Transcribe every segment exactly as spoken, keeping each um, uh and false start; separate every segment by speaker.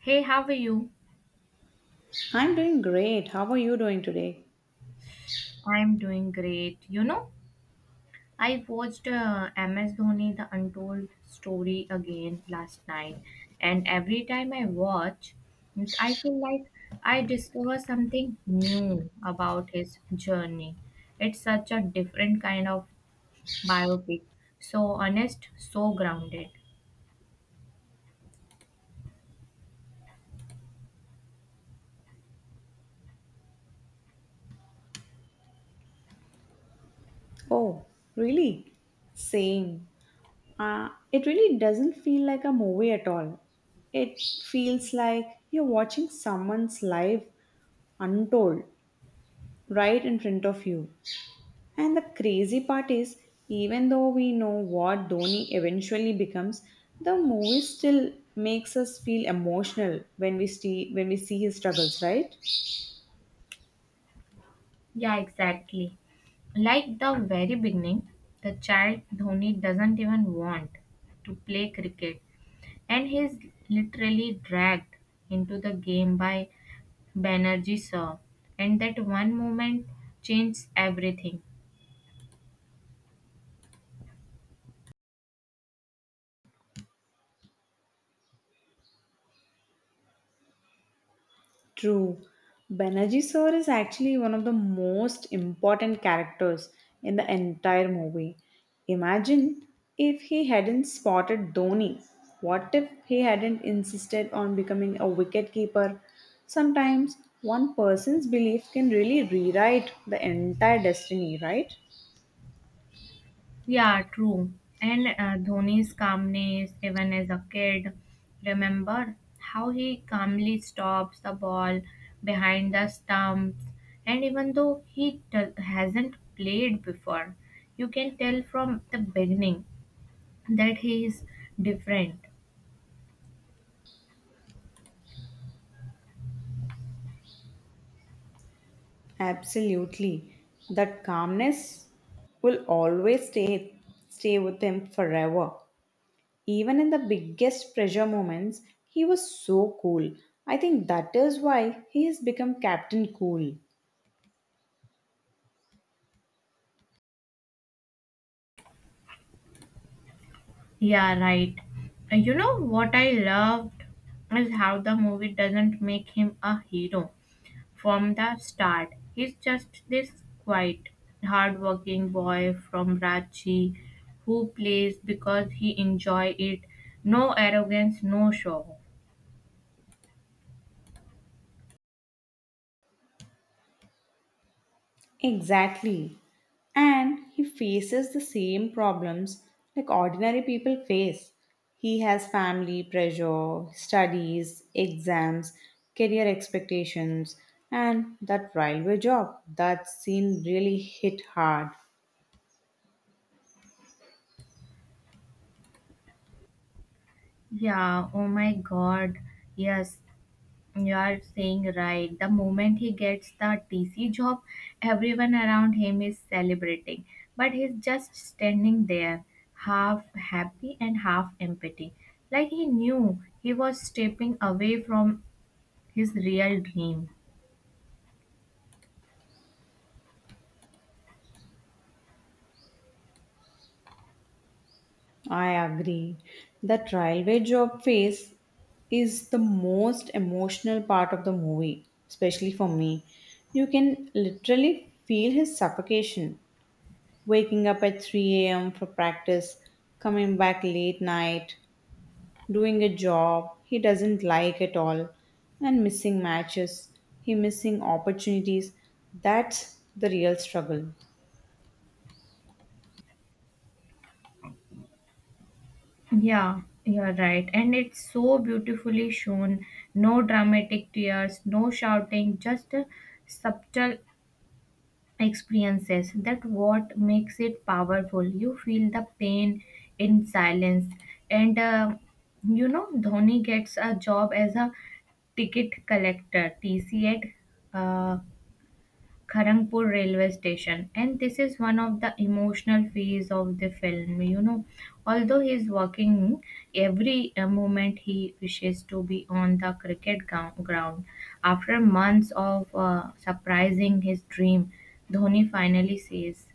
Speaker 1: Hey, how are you?
Speaker 2: I'm doing great. How are you doing today?
Speaker 1: I'm doing great. You know, I watched uh, M S Dhoni The Untold Story again last night, and every time I watch, it- I feel like I discover something new about his journey. It's such a different kind of biopic, so honest, so grounded.
Speaker 2: Oh, really? Same. Uh, it really doesn't feel like a movie at all. It feels like you're watching someone's life untold right in front of you. And the crazy part is, even though we know what Dhoni eventually becomes, the movie still makes us feel emotional when we see when we see his struggles, right?
Speaker 1: Yeah, exactly. Like the very beginning, the child Dhoni doesn't even want to play cricket and he's literally dragged into the game by Banerjee sir. And that one moment changed everything.
Speaker 2: True. Banaji is actually one of the most important characters in the entire movie. Imagine if he hadn't spotted Dhoni. What if he hadn't insisted on becoming a wicketkeeper? Sometimes one person's belief can really rewrite the entire destiny, right?
Speaker 1: Yeah, true. And uh, Dhoni's calmness, even as a kid, remember how he calmly stops the ball behind the stumps. And even though he do- hasn't played before, you can tell from the beginning that he is different.
Speaker 2: Absolutely. That calmness will always stay stay with him forever. Even in the biggest pressure moments, he was so cool. I think that is why he has become Captain Cool.
Speaker 1: Yeah, right. Uh, You know what I loved is how the movie doesn't make him a hero from the start. He's just this quiet, hardworking boy from Ranchi who plays because he enjoy it. No arrogance, no show.
Speaker 2: Exactly. And he faces the same problems like ordinary people face. He has family pressure, studies, exams, career expectations, and that railway job. That scene really hit hard.
Speaker 1: Yeah, oh my god. Yes, you are saying right. The moment he gets the T C job, everyone around him is celebrating. But he's just standing there, half happy and half empty. Like he knew he was stepping away from his real dream.
Speaker 2: I agree. That railway job phase is the most emotional part of the movie, especially for me. You can literally feel his suffocation, waking up at three a m for practice, coming back late night, doing a job he doesn't like at all, and missing matches, he missing opportunities. That's the real struggle.
Speaker 1: Yeah, you're right. And it's so beautifully shown. No dramatic tears, no shouting, just a subtle experiences that what makes it powerful you feel the pain in silence and uh, you know dhoni gets a job as a ticket collector tc at uh, Kharagpur railway station and this is one of the emotional phase of the film you know although he is working every uh, moment he wishes to be on the cricket gou- ground after months of uh, surprising his dream dhoni finally says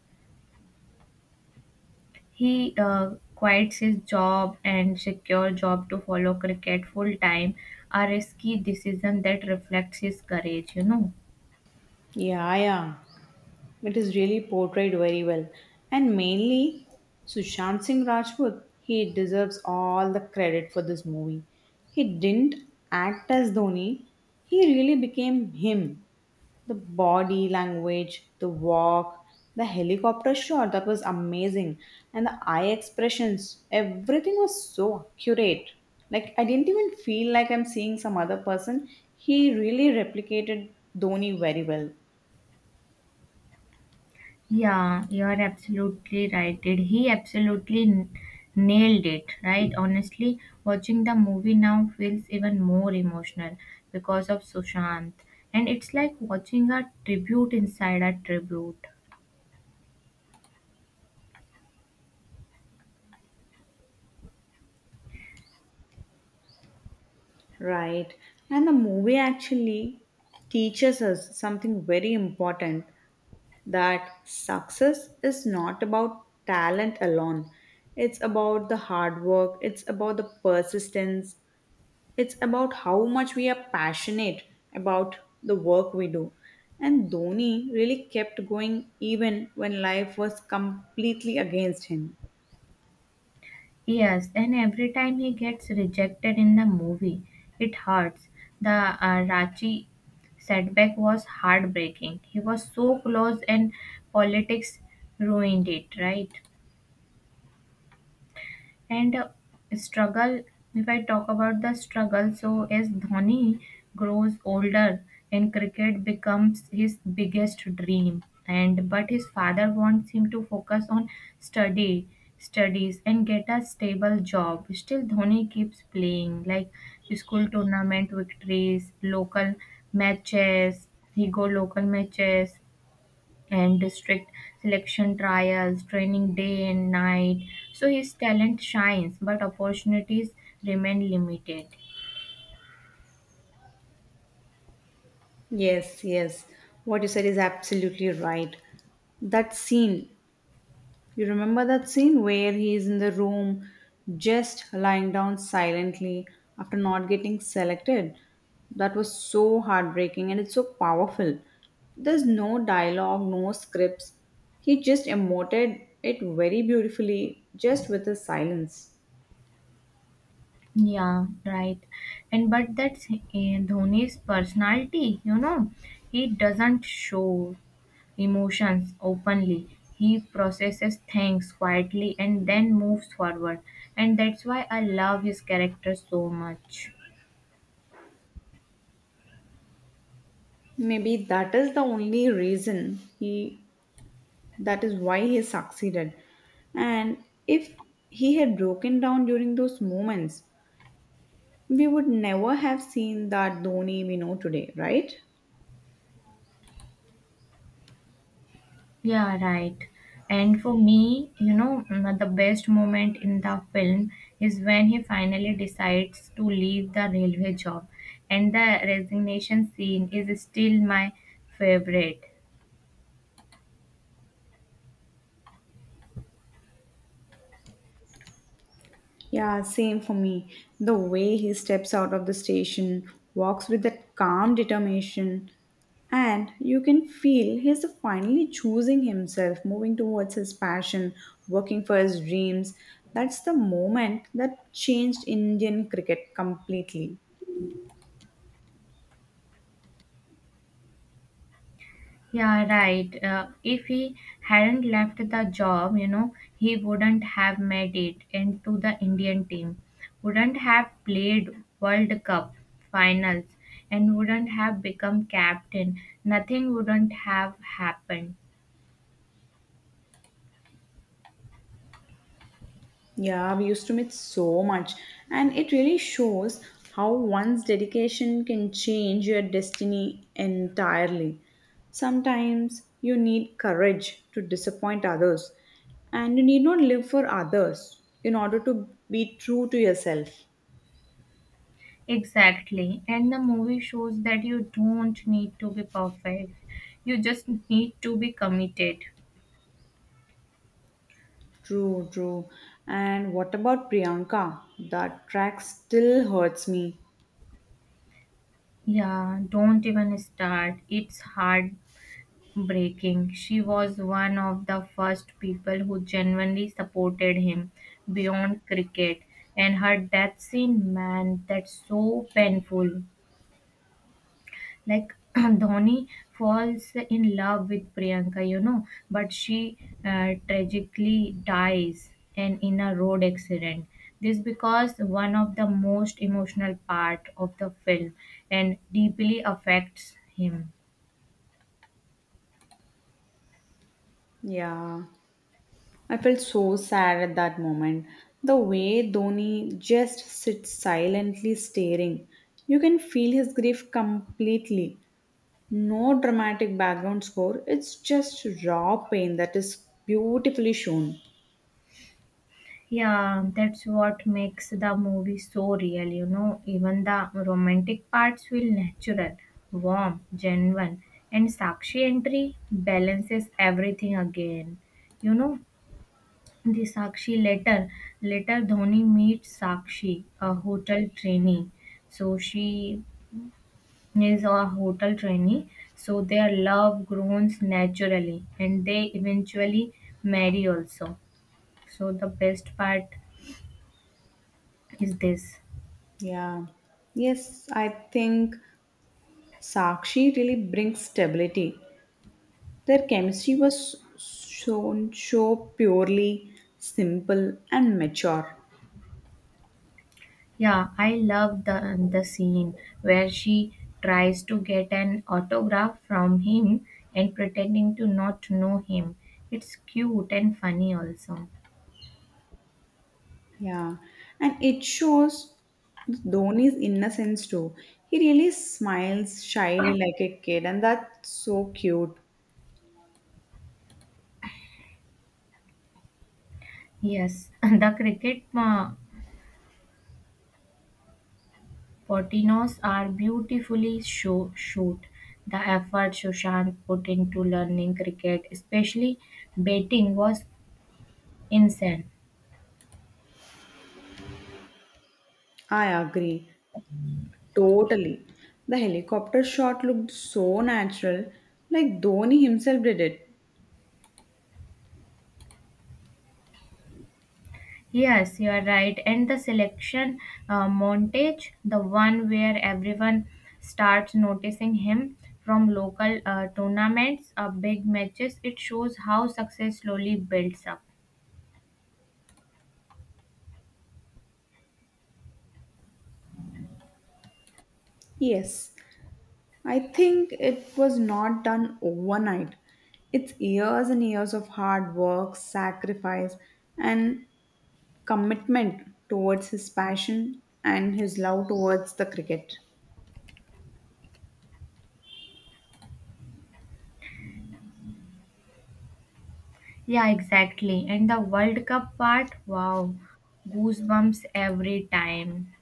Speaker 1: he uh, quits his job and secure job to follow cricket full time a risky decision that reflects his courage you know.
Speaker 2: Yeah, yeah. It is really portrayed very well. And mainly Sushant Singh Rajput, he deserves all the credit for this movie. He didn't act as Dhoni, he really became him. The body language, the walk, the helicopter shot that was amazing, and the eye expressions, everything was so accurate. Like I didn't even feel like I'm seeing some other person. He really replicated Dhoni very well.
Speaker 1: Yeah, you are absolutely right. Did he absolutely n- nailed it, right? Honestly, watching the movie now feels even more emotional because of Sushant. And it's like watching a tribute inside a tribute.
Speaker 2: Right. And the movie actually teaches us something very important that success is not about talent alone. It's about the hard work, it's about the persistence, it's about how much we are passionate about the work we do. And Dhoni really kept going even when life was completely against him.
Speaker 1: Yes, and every time he gets rejected in the movie, it hurts. The uh, Rachi setback was heartbreaking. He was so close and politics ruined it, right? And uh, struggle, if I talk about the struggle, so as Dhoni grows older and cricket becomes his biggest dream, and but his father wants him to focus on study, studies, and get a stable job. Still, Dhoni keeps playing like school tournament victories, local matches. He go local matches and district selection trials, training day and night. So his talent shines, but opportunities remain limited.
Speaker 2: Yes, yes. What you said is absolutely right. That scene. You remember that scene where he is in the room just lying down silently after not getting selected? That was so heartbreaking and it's so powerful. There's no dialogue, no scripts. He just emoted it very beautifully just with his silence.
Speaker 1: Yeah, right. And but that's uh, Dhoni's personality, you know, he doesn't show emotions openly. He processes things quietly and then moves forward. And that's why I love his character so much.
Speaker 2: Maybe that is the only reason he that is why he succeeded. And if he had broken down during those moments, we would never have seen that Dhoni we know today, right?
Speaker 1: Yeah, right. And for me, you know, mm, the best moment in the film is when he finally decides to leave the railway job, and the resignation scene is still my favorite.
Speaker 2: Yeah, same for me. The way he steps out of the station, walks with that calm determination, and you can feel he's finally choosing himself, moving towards his passion, working for his dreams. That's the moment that changed Indian cricket completely.
Speaker 1: Yeah, right. Uh, if he hadn't left the job, you know, he wouldn't have made it into the Indian team, wouldn't have played World Cup finals, and wouldn't have become captain. Nothing wouldn't have happened.
Speaker 2: Yeah, we used to meet so much, and it really shows how one's dedication can change your destiny entirely. Sometimes you need courage to disappoint others, and you need not live for others in order to be true to yourself.
Speaker 1: Exactly. And the movie shows that you don't need to be perfect. You just need to be committed.
Speaker 2: True, true. And what about Priyanka? That track still hurts me.
Speaker 1: Yeah, don't even start. It's heartbreaking. She was one of the first people who genuinely supported him beyond cricket. And her death scene, man, that's so painful. Like Dhoni falls in love with Priyanka, you know, but she uh, tragically dies and in a road accident. This because one of the most emotional part of the film and deeply affects him.
Speaker 2: Yeah. I felt so sad at that moment. The way Dhoni just sits silently staring. You can feel his grief completely. No dramatic background score, it's just raw pain that is beautifully shown.
Speaker 1: Yeah, that's what makes the movie so real, you know. Even the romantic parts feel natural, warm, genuine, and Sakshi entry balances everything again, you know. The Sakshi letter. Later, Dhoni meets Sakshi, a hotel trainee. So she is a hotel trainee. So their love grows naturally, and they eventually marry also. So the best part is this.
Speaker 2: Yeah. Yes, I think Sakshi really brings stability. Their chemistry was shown so purely simple and mature.
Speaker 1: Yeah, I love the the scene where she tries to get an autograph from him and pretending to not know him. It's cute and funny also.
Speaker 2: Yeah, and it shows Dhoni's innocence too. He really smiles shyly like a kid, and that's so cute.
Speaker 1: Yes, the cricket uh, Potinos are beautifully show shoot. The effort Sushant put into learning cricket, especially batting, was insane.
Speaker 2: I agree totally. The helicopter shot looked so natural, like Dhoni himself did it.
Speaker 1: Yes, you are right. And the selection uh, montage, the one where everyone starts noticing him from local uh, tournaments, uh, big matches, it shows how success slowly builds up.
Speaker 2: Yes, I think it was not done overnight. It's years and years of hard work, sacrifice, and commitment towards his passion and his love towards the cricket.
Speaker 1: Yeah, exactly. And the World Cup part, wow, goosebumps every time.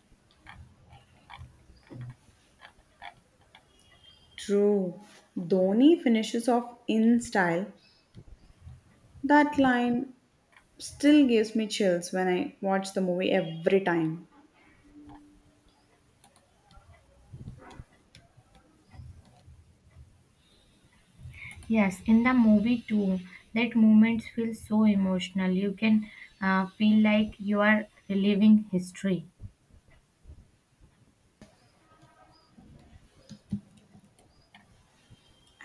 Speaker 2: True. Dhoni finishes off in style. That line still gives me chills when I watch the movie every time.
Speaker 1: Yes, in the movie too, that moments feel so emotional. You can uh, feel like you are reliving history.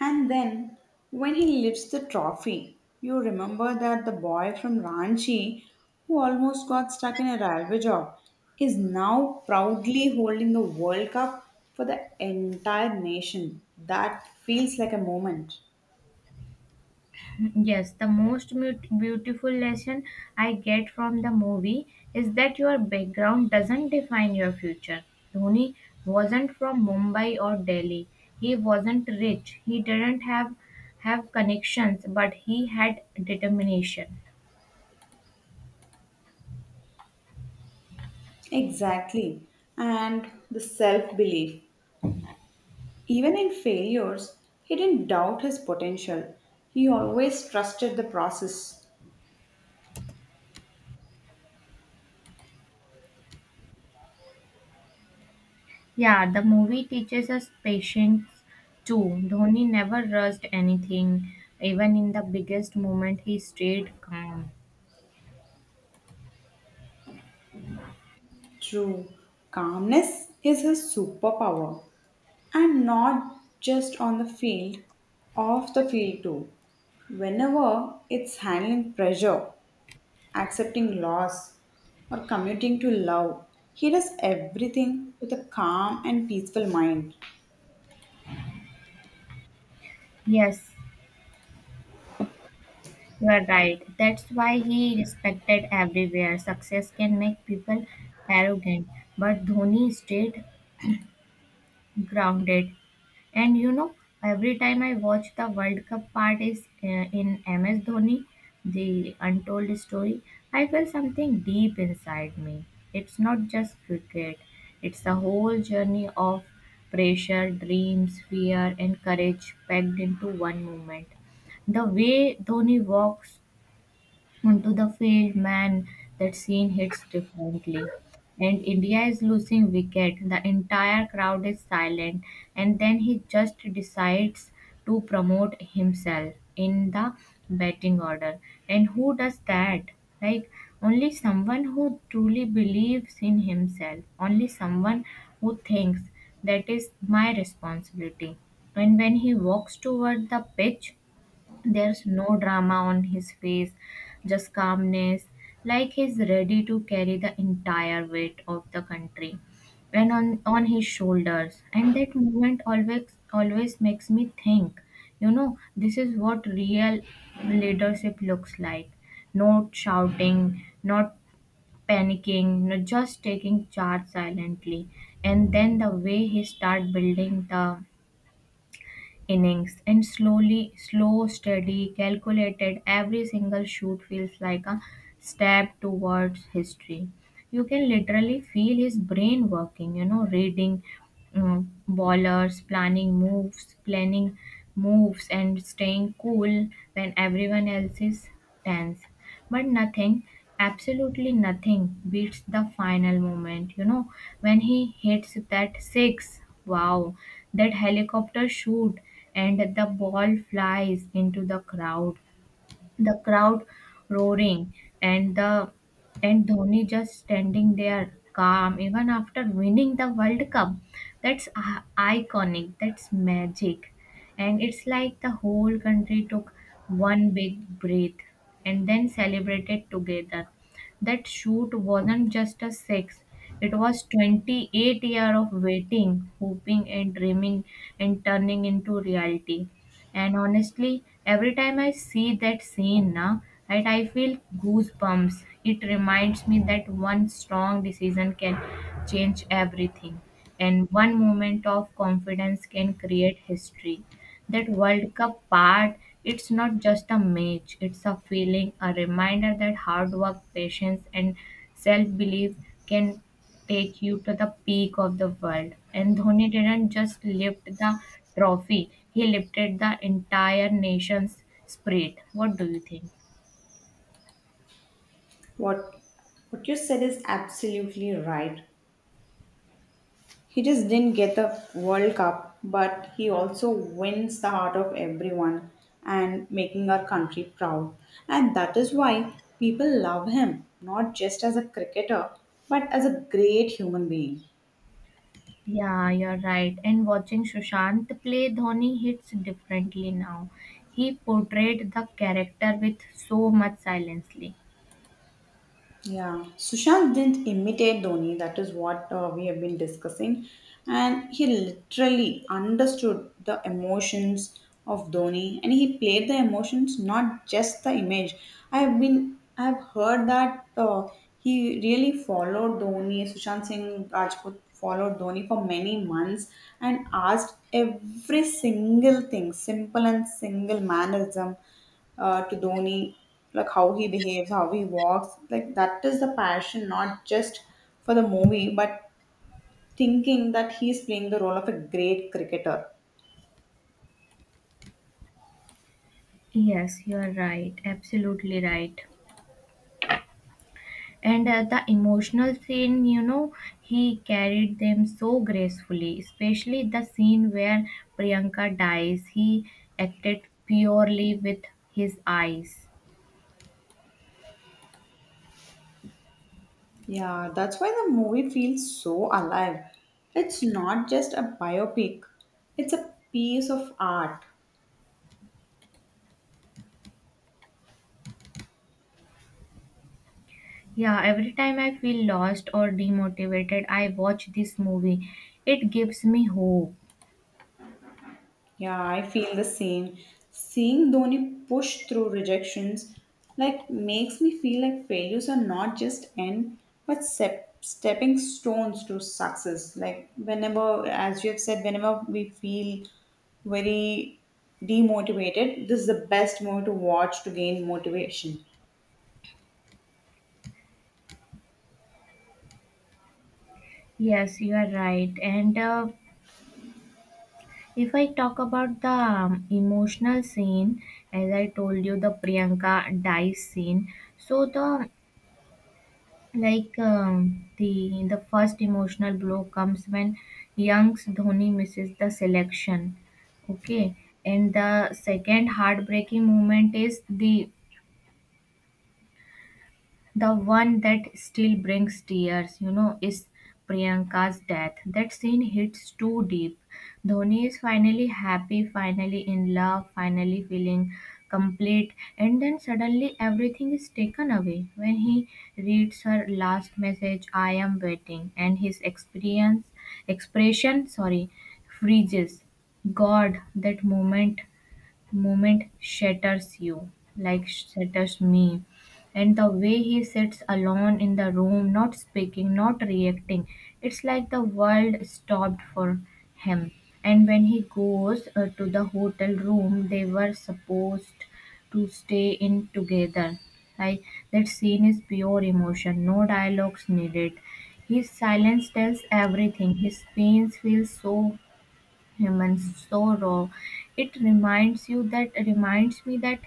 Speaker 2: And then when he lifts the trophy, you remember that the boy from Ranchi who almost got stuck in a railway job is now proudly holding the World Cup for the entire nation. That feels like a moment.
Speaker 1: Yes, the most mut- beautiful lesson I get from the movie is that your background doesn't define your future. Dhoni wasn't from Mumbai or Delhi. He wasn't rich. He didn't have have connections, but he had determination.
Speaker 2: Exactly. And the self belief. Even in failures, he didn't doubt his potential. He always trusted the process.
Speaker 1: Yeah, the movie teaches us patience too. Dhoni never rushed anything. Even in the biggest moment, he stayed calm.
Speaker 2: True, calmness is his superpower, and not just on the field, off the field too. Whenever it's handling pressure, accepting loss, or committing to love, he does everything with a calm and peaceful mind.
Speaker 1: Yes, you are right. That's why he respected everywhere. Success can make people arrogant, but Dhoni stayed grounded. And you know, every time I watch the World Cup part is uh, in M S Dhoni, the untold story, I feel something deep inside me. It's not just cricket. It's a whole journey of pressure, dreams, fear, and courage packed into one moment the way Dhoni walks onto the field, man, that scene hits differently. And India is losing wicket. The entire crowd is silent, and then he just decides to promote himself in the batting order. And who does that? Like only someone who truly believes in himself. Only someone who thinks that is my responsibility. And when he walks toward the pitch, there's no drama on his face, just calmness, like he's ready to carry the entire weight of the country and on, on his shoulders. And that moment always always makes me think, you know, this is what real leadership looks like. Not shouting, not panicking, not just taking charge silently. And then the way he start building the innings and slowly slow steady calculated every single shoot feels like a step towards history you can literally feel his brain working you know reading uh, bowlers, planning moves, planning moves, and staying cool when everyone else is tense. But nothing, absolutely nothing, beats the final moment. You know, when he hits that six, wow, that helicopter shoot, and the ball flies into the crowd the crowd roaring and the and Dhoni just standing there calm even after winning the World Cup. That's i- iconic. That's magic, and it's like the whole country took one big breath and then celebrated together. That shoot wasn't just a six. It was twenty-eight year of waiting, hoping and dreaming and turning into reality. And honestly, every time I see that scene now, right, I feel goosebumps. It reminds me that one strong decision can change everything, and one moment of confidence can create history. That World Cup part, it's not just a match, it's a feeling, a reminder that hard work, patience, and self belief can take you to the peak of the world. And Dhoni didn't just lift the trophy, he lifted the entire nation's spirit. What do you think?
Speaker 2: What what you said is absolutely right. He just didn't get the World Cup, but he also wins the heart of everyone and making our country proud. And that is why people love him, not just as a cricketer, but as a great human being.
Speaker 1: Yeah, you're right. And watching Sushant play, Dhoni hits differently now. He portrayed the character with so much silently.
Speaker 2: Yeah, Sushant didn't imitate Dhoni. That is what uh, we have been discussing, and he literally understood the emotions of Dhoni, and he played the emotions, not just the image. I have been, I have heard that uh, he really followed Dhoni. Sushant Singh Rajput followed Dhoni for many months and asked every single thing, simple and single mannerism, uh, to Dhoni, like how he behaves, how he walks. Like that is the passion, not just for the movie, but thinking that he's playing the role of a great cricketer.
Speaker 1: Yes, you're right. Absolutely right. and uh, the emotional scene you know he carried them so gracefully especially the scene where priyanka dies he acted purely with his eyes.
Speaker 2: Yeah, that's why the movie feels so alive. It's not just a biopic, it's a piece of art.
Speaker 1: Yeah every time I feel lost or demotivated I watch this movie it gives me hope.
Speaker 2: Yeah, I feel the same. Seeing Dhoni push through rejections like makes me feel like failures are not just end but step, stepping stones to success. Like whenever, as you have said, whenever we feel very demotivated, this is the best moment to watch to gain motivation.
Speaker 1: Yes, you are right. And uh, if I talk about the um, emotional scene, as I told you, the Priyanka dies scene. So the um, like um, the the first emotional blow comes when young's Dhoni misses the selection okay and the second heartbreaking moment is the the one that still brings tears, you know, is Priyanka's death. That scene hits too deep. Dhoni is finally happy, finally in love, finally feeling complete, and then suddenly everything is taken away. When he reads her last message, I am waiting, and his experience expression sorry freezes. God, that moment moment shatters you, like shatters me. And the way he sits alone in the room, not speaking, not reacting, it's like the world stopped for him. And when he goes uh, to the hotel room, they were supposed to stay in together. Like that scene is pure emotion, no dialogues needed. His silence tells everything. His pain feels so human sorrow. It reminds you that reminds me that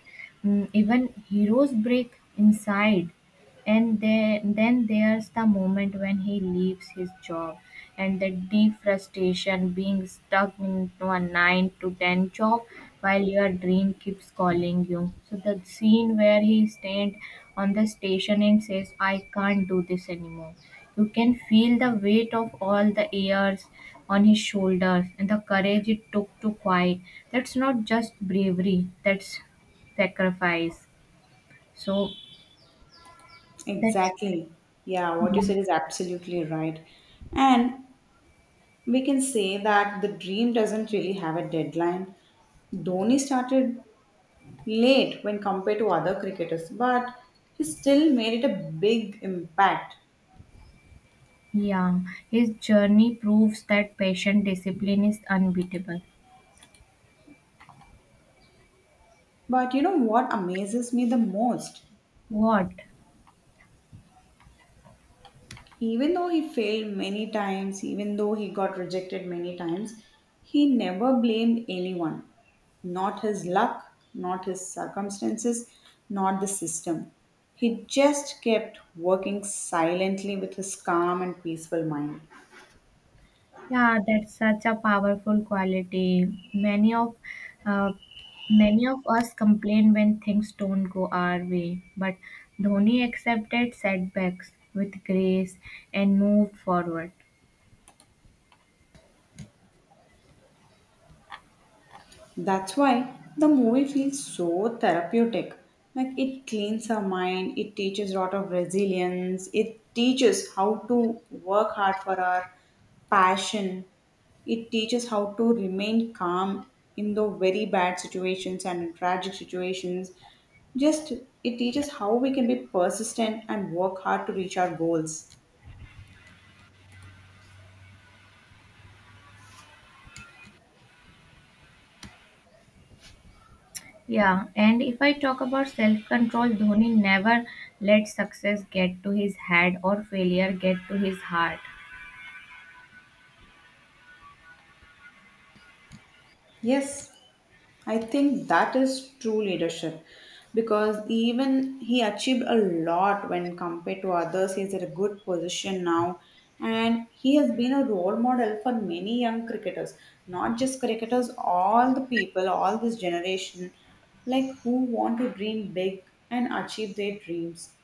Speaker 1: mm, even heroes break inside and there, then there's the moment when he leaves his job and the deep frustration being stuck into a nine to ten job while your dream keeps calling you. So, the scene where he stands on the station and says, I can't do this anymore. You can feel the weight of all the years on his shoulders and the courage it took to quiet. That's not just bravery, that's sacrifice. So, that's.
Speaker 2: Exactly. Yeah, what you said is absolutely right. And we can say that the dream doesn't really have a deadline. Dhoni started late when compared to other cricketers, but he still made it a big impact.
Speaker 1: Yeah, his journey proves that patient discipline is unbeatable.
Speaker 2: But you know what amazes me the most?
Speaker 1: What?
Speaker 2: Even though he failed many times, even though he got rejected many times, he never blamed anyone. Not his luck, not his circumstances, not the system. He just kept working silently with his calm and peaceful mind.
Speaker 1: Yeah, that's such a powerful quality. Many of uh, Many of us complain when things don't go our way, but Dhoni accepted setbacks with grace and moved forward.
Speaker 2: That's why the movie feels so therapeutic. Like it cleans our mind, it teaches a lot of resilience, it teaches how to work hard for our passion, it teaches how to remain calm in the very bad situations and in tragic situations. Just it teaches how we can be persistent and work hard to reach our goals.
Speaker 1: Yeah, and if I talk about self-control, Dhoni never let success get to his head or failure get to his heart.
Speaker 2: Yes, I think that is true leadership because even he achieved a lot when compared to others. He's in a good position now and he has been a role model for many young cricketers, not just cricketers, all the people, all this generation, like who want to dream big and achieve their dreams.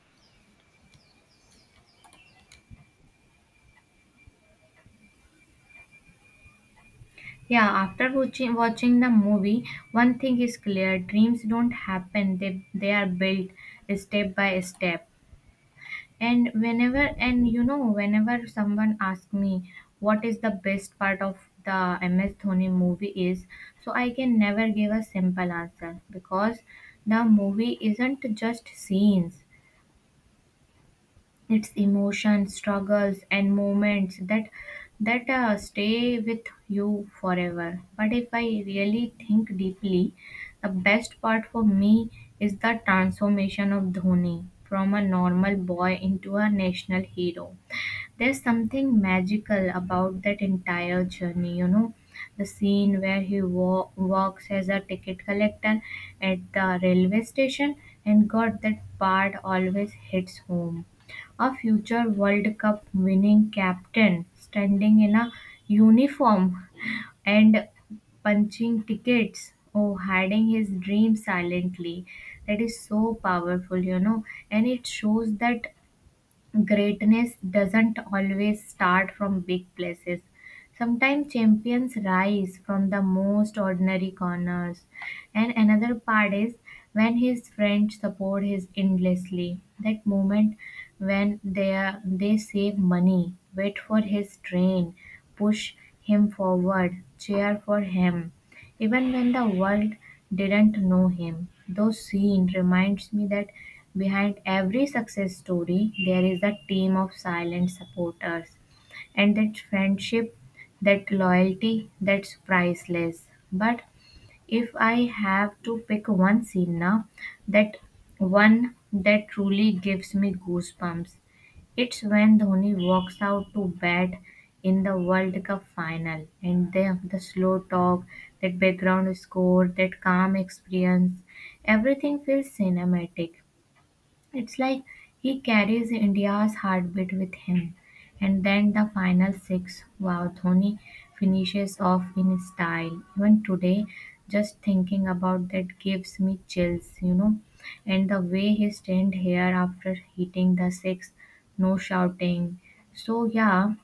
Speaker 1: Yeah, after watching watching the movie, one thing is clear: dreams don't happen; they they are built step by step. And whenever and you know, whenever someone asks me what is the best part of the M S Dhoni movie is, so I can never give a simple answer because the movie isn't just scenes. It's emotions, struggles, and moments that that uh, stay with you forever. But if I really think deeply, the best part for me is the transformation of Dhoni from a normal boy into a national hero. There's something magical about that entire journey, you know. The scene where he wa- works as a ticket collector at the railway station, and God, that part always hits home. A future World Cup winning captain standing in a uniform and punching tickets or hiding his dream silently. That is so powerful, you know, and it shows that greatness doesn't always start from big places. Sometimes champions rise from the most ordinary corners. And another part is when his friends support his endlessly. That moment when they are, they save money, wait for his train, push him forward, cheer for him. Even when the world didn't know him, those scene reminds me that behind every success story, there is a team of silent supporters. And that friendship, that loyalty, that's priceless. But if I have to pick one scene now, that one that truly gives me goosebumps, it's when Dhoni walks out to bat in the World Cup final and the, the slow talk, that background score, that calm experience, everything feels cinematic. It's like he carries India's heartbeat with him. And then the final six, wow, Dhoni finishes off in style. Even today, just thinking about that gives me chills, you know. And the way he stand here after hitting the six, no shouting. So yeah,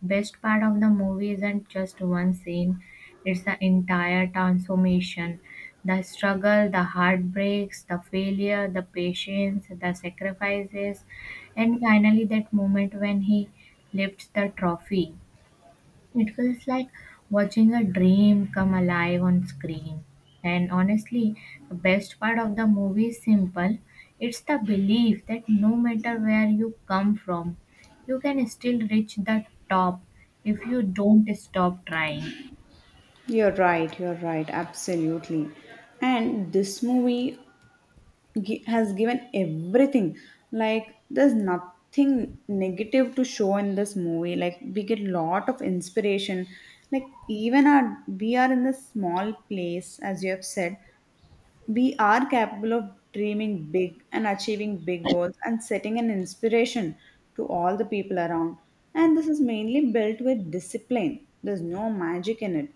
Speaker 1: best part of the movie isn't just one scene, it's the entire transformation. The struggle, the heartbreaks, the failure, the patience, the sacrifices, and finally that moment when he lifts the trophy. It feels like watching a dream come alive on screen. And honestly, the best part of the movie is simple it's the belief that no matter where you come from, you can still reach the top if you don't stop trying.
Speaker 2: You're right, you're right, absolutely. And this movie gi- has given everything, like there's nothing negative to show in this movie, like we get lot of inspiration, like even our we are in this small place as you have said, we are capable of dreaming big and achieving big goals and setting an inspiration to all the people around. And this is mainly built with discipline. There's no magic in it.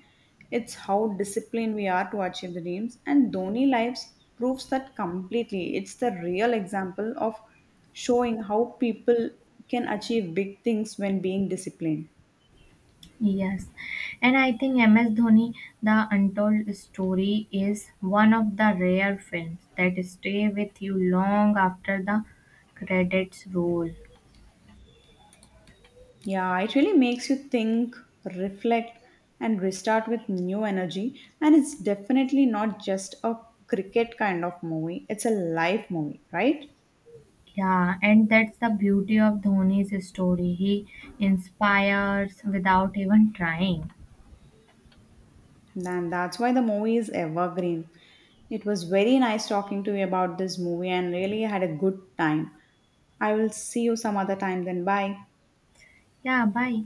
Speaker 2: It's how disciplined we are to achieve the dreams. And Dhoni Lives proves that completely. It's the real example of showing how people can achieve big things when being disciplined.
Speaker 1: Yes, and I think M S Dhoni, The Untold Story, is one of the rare films that stay with you long after the credits roll.
Speaker 2: Yeah, it really makes you think, reflect, and restart with new energy. And it's definitely not just a cricket kind of movie, it's a life movie, right?
Speaker 1: Yeah, and that's the beauty of Dhoni's story. He inspires without even trying.
Speaker 2: And that's why the movie is evergreen. It was very nice talking to you about this movie and really had a good time. I will see you some other time then. Bye.
Speaker 1: Yeah, bye.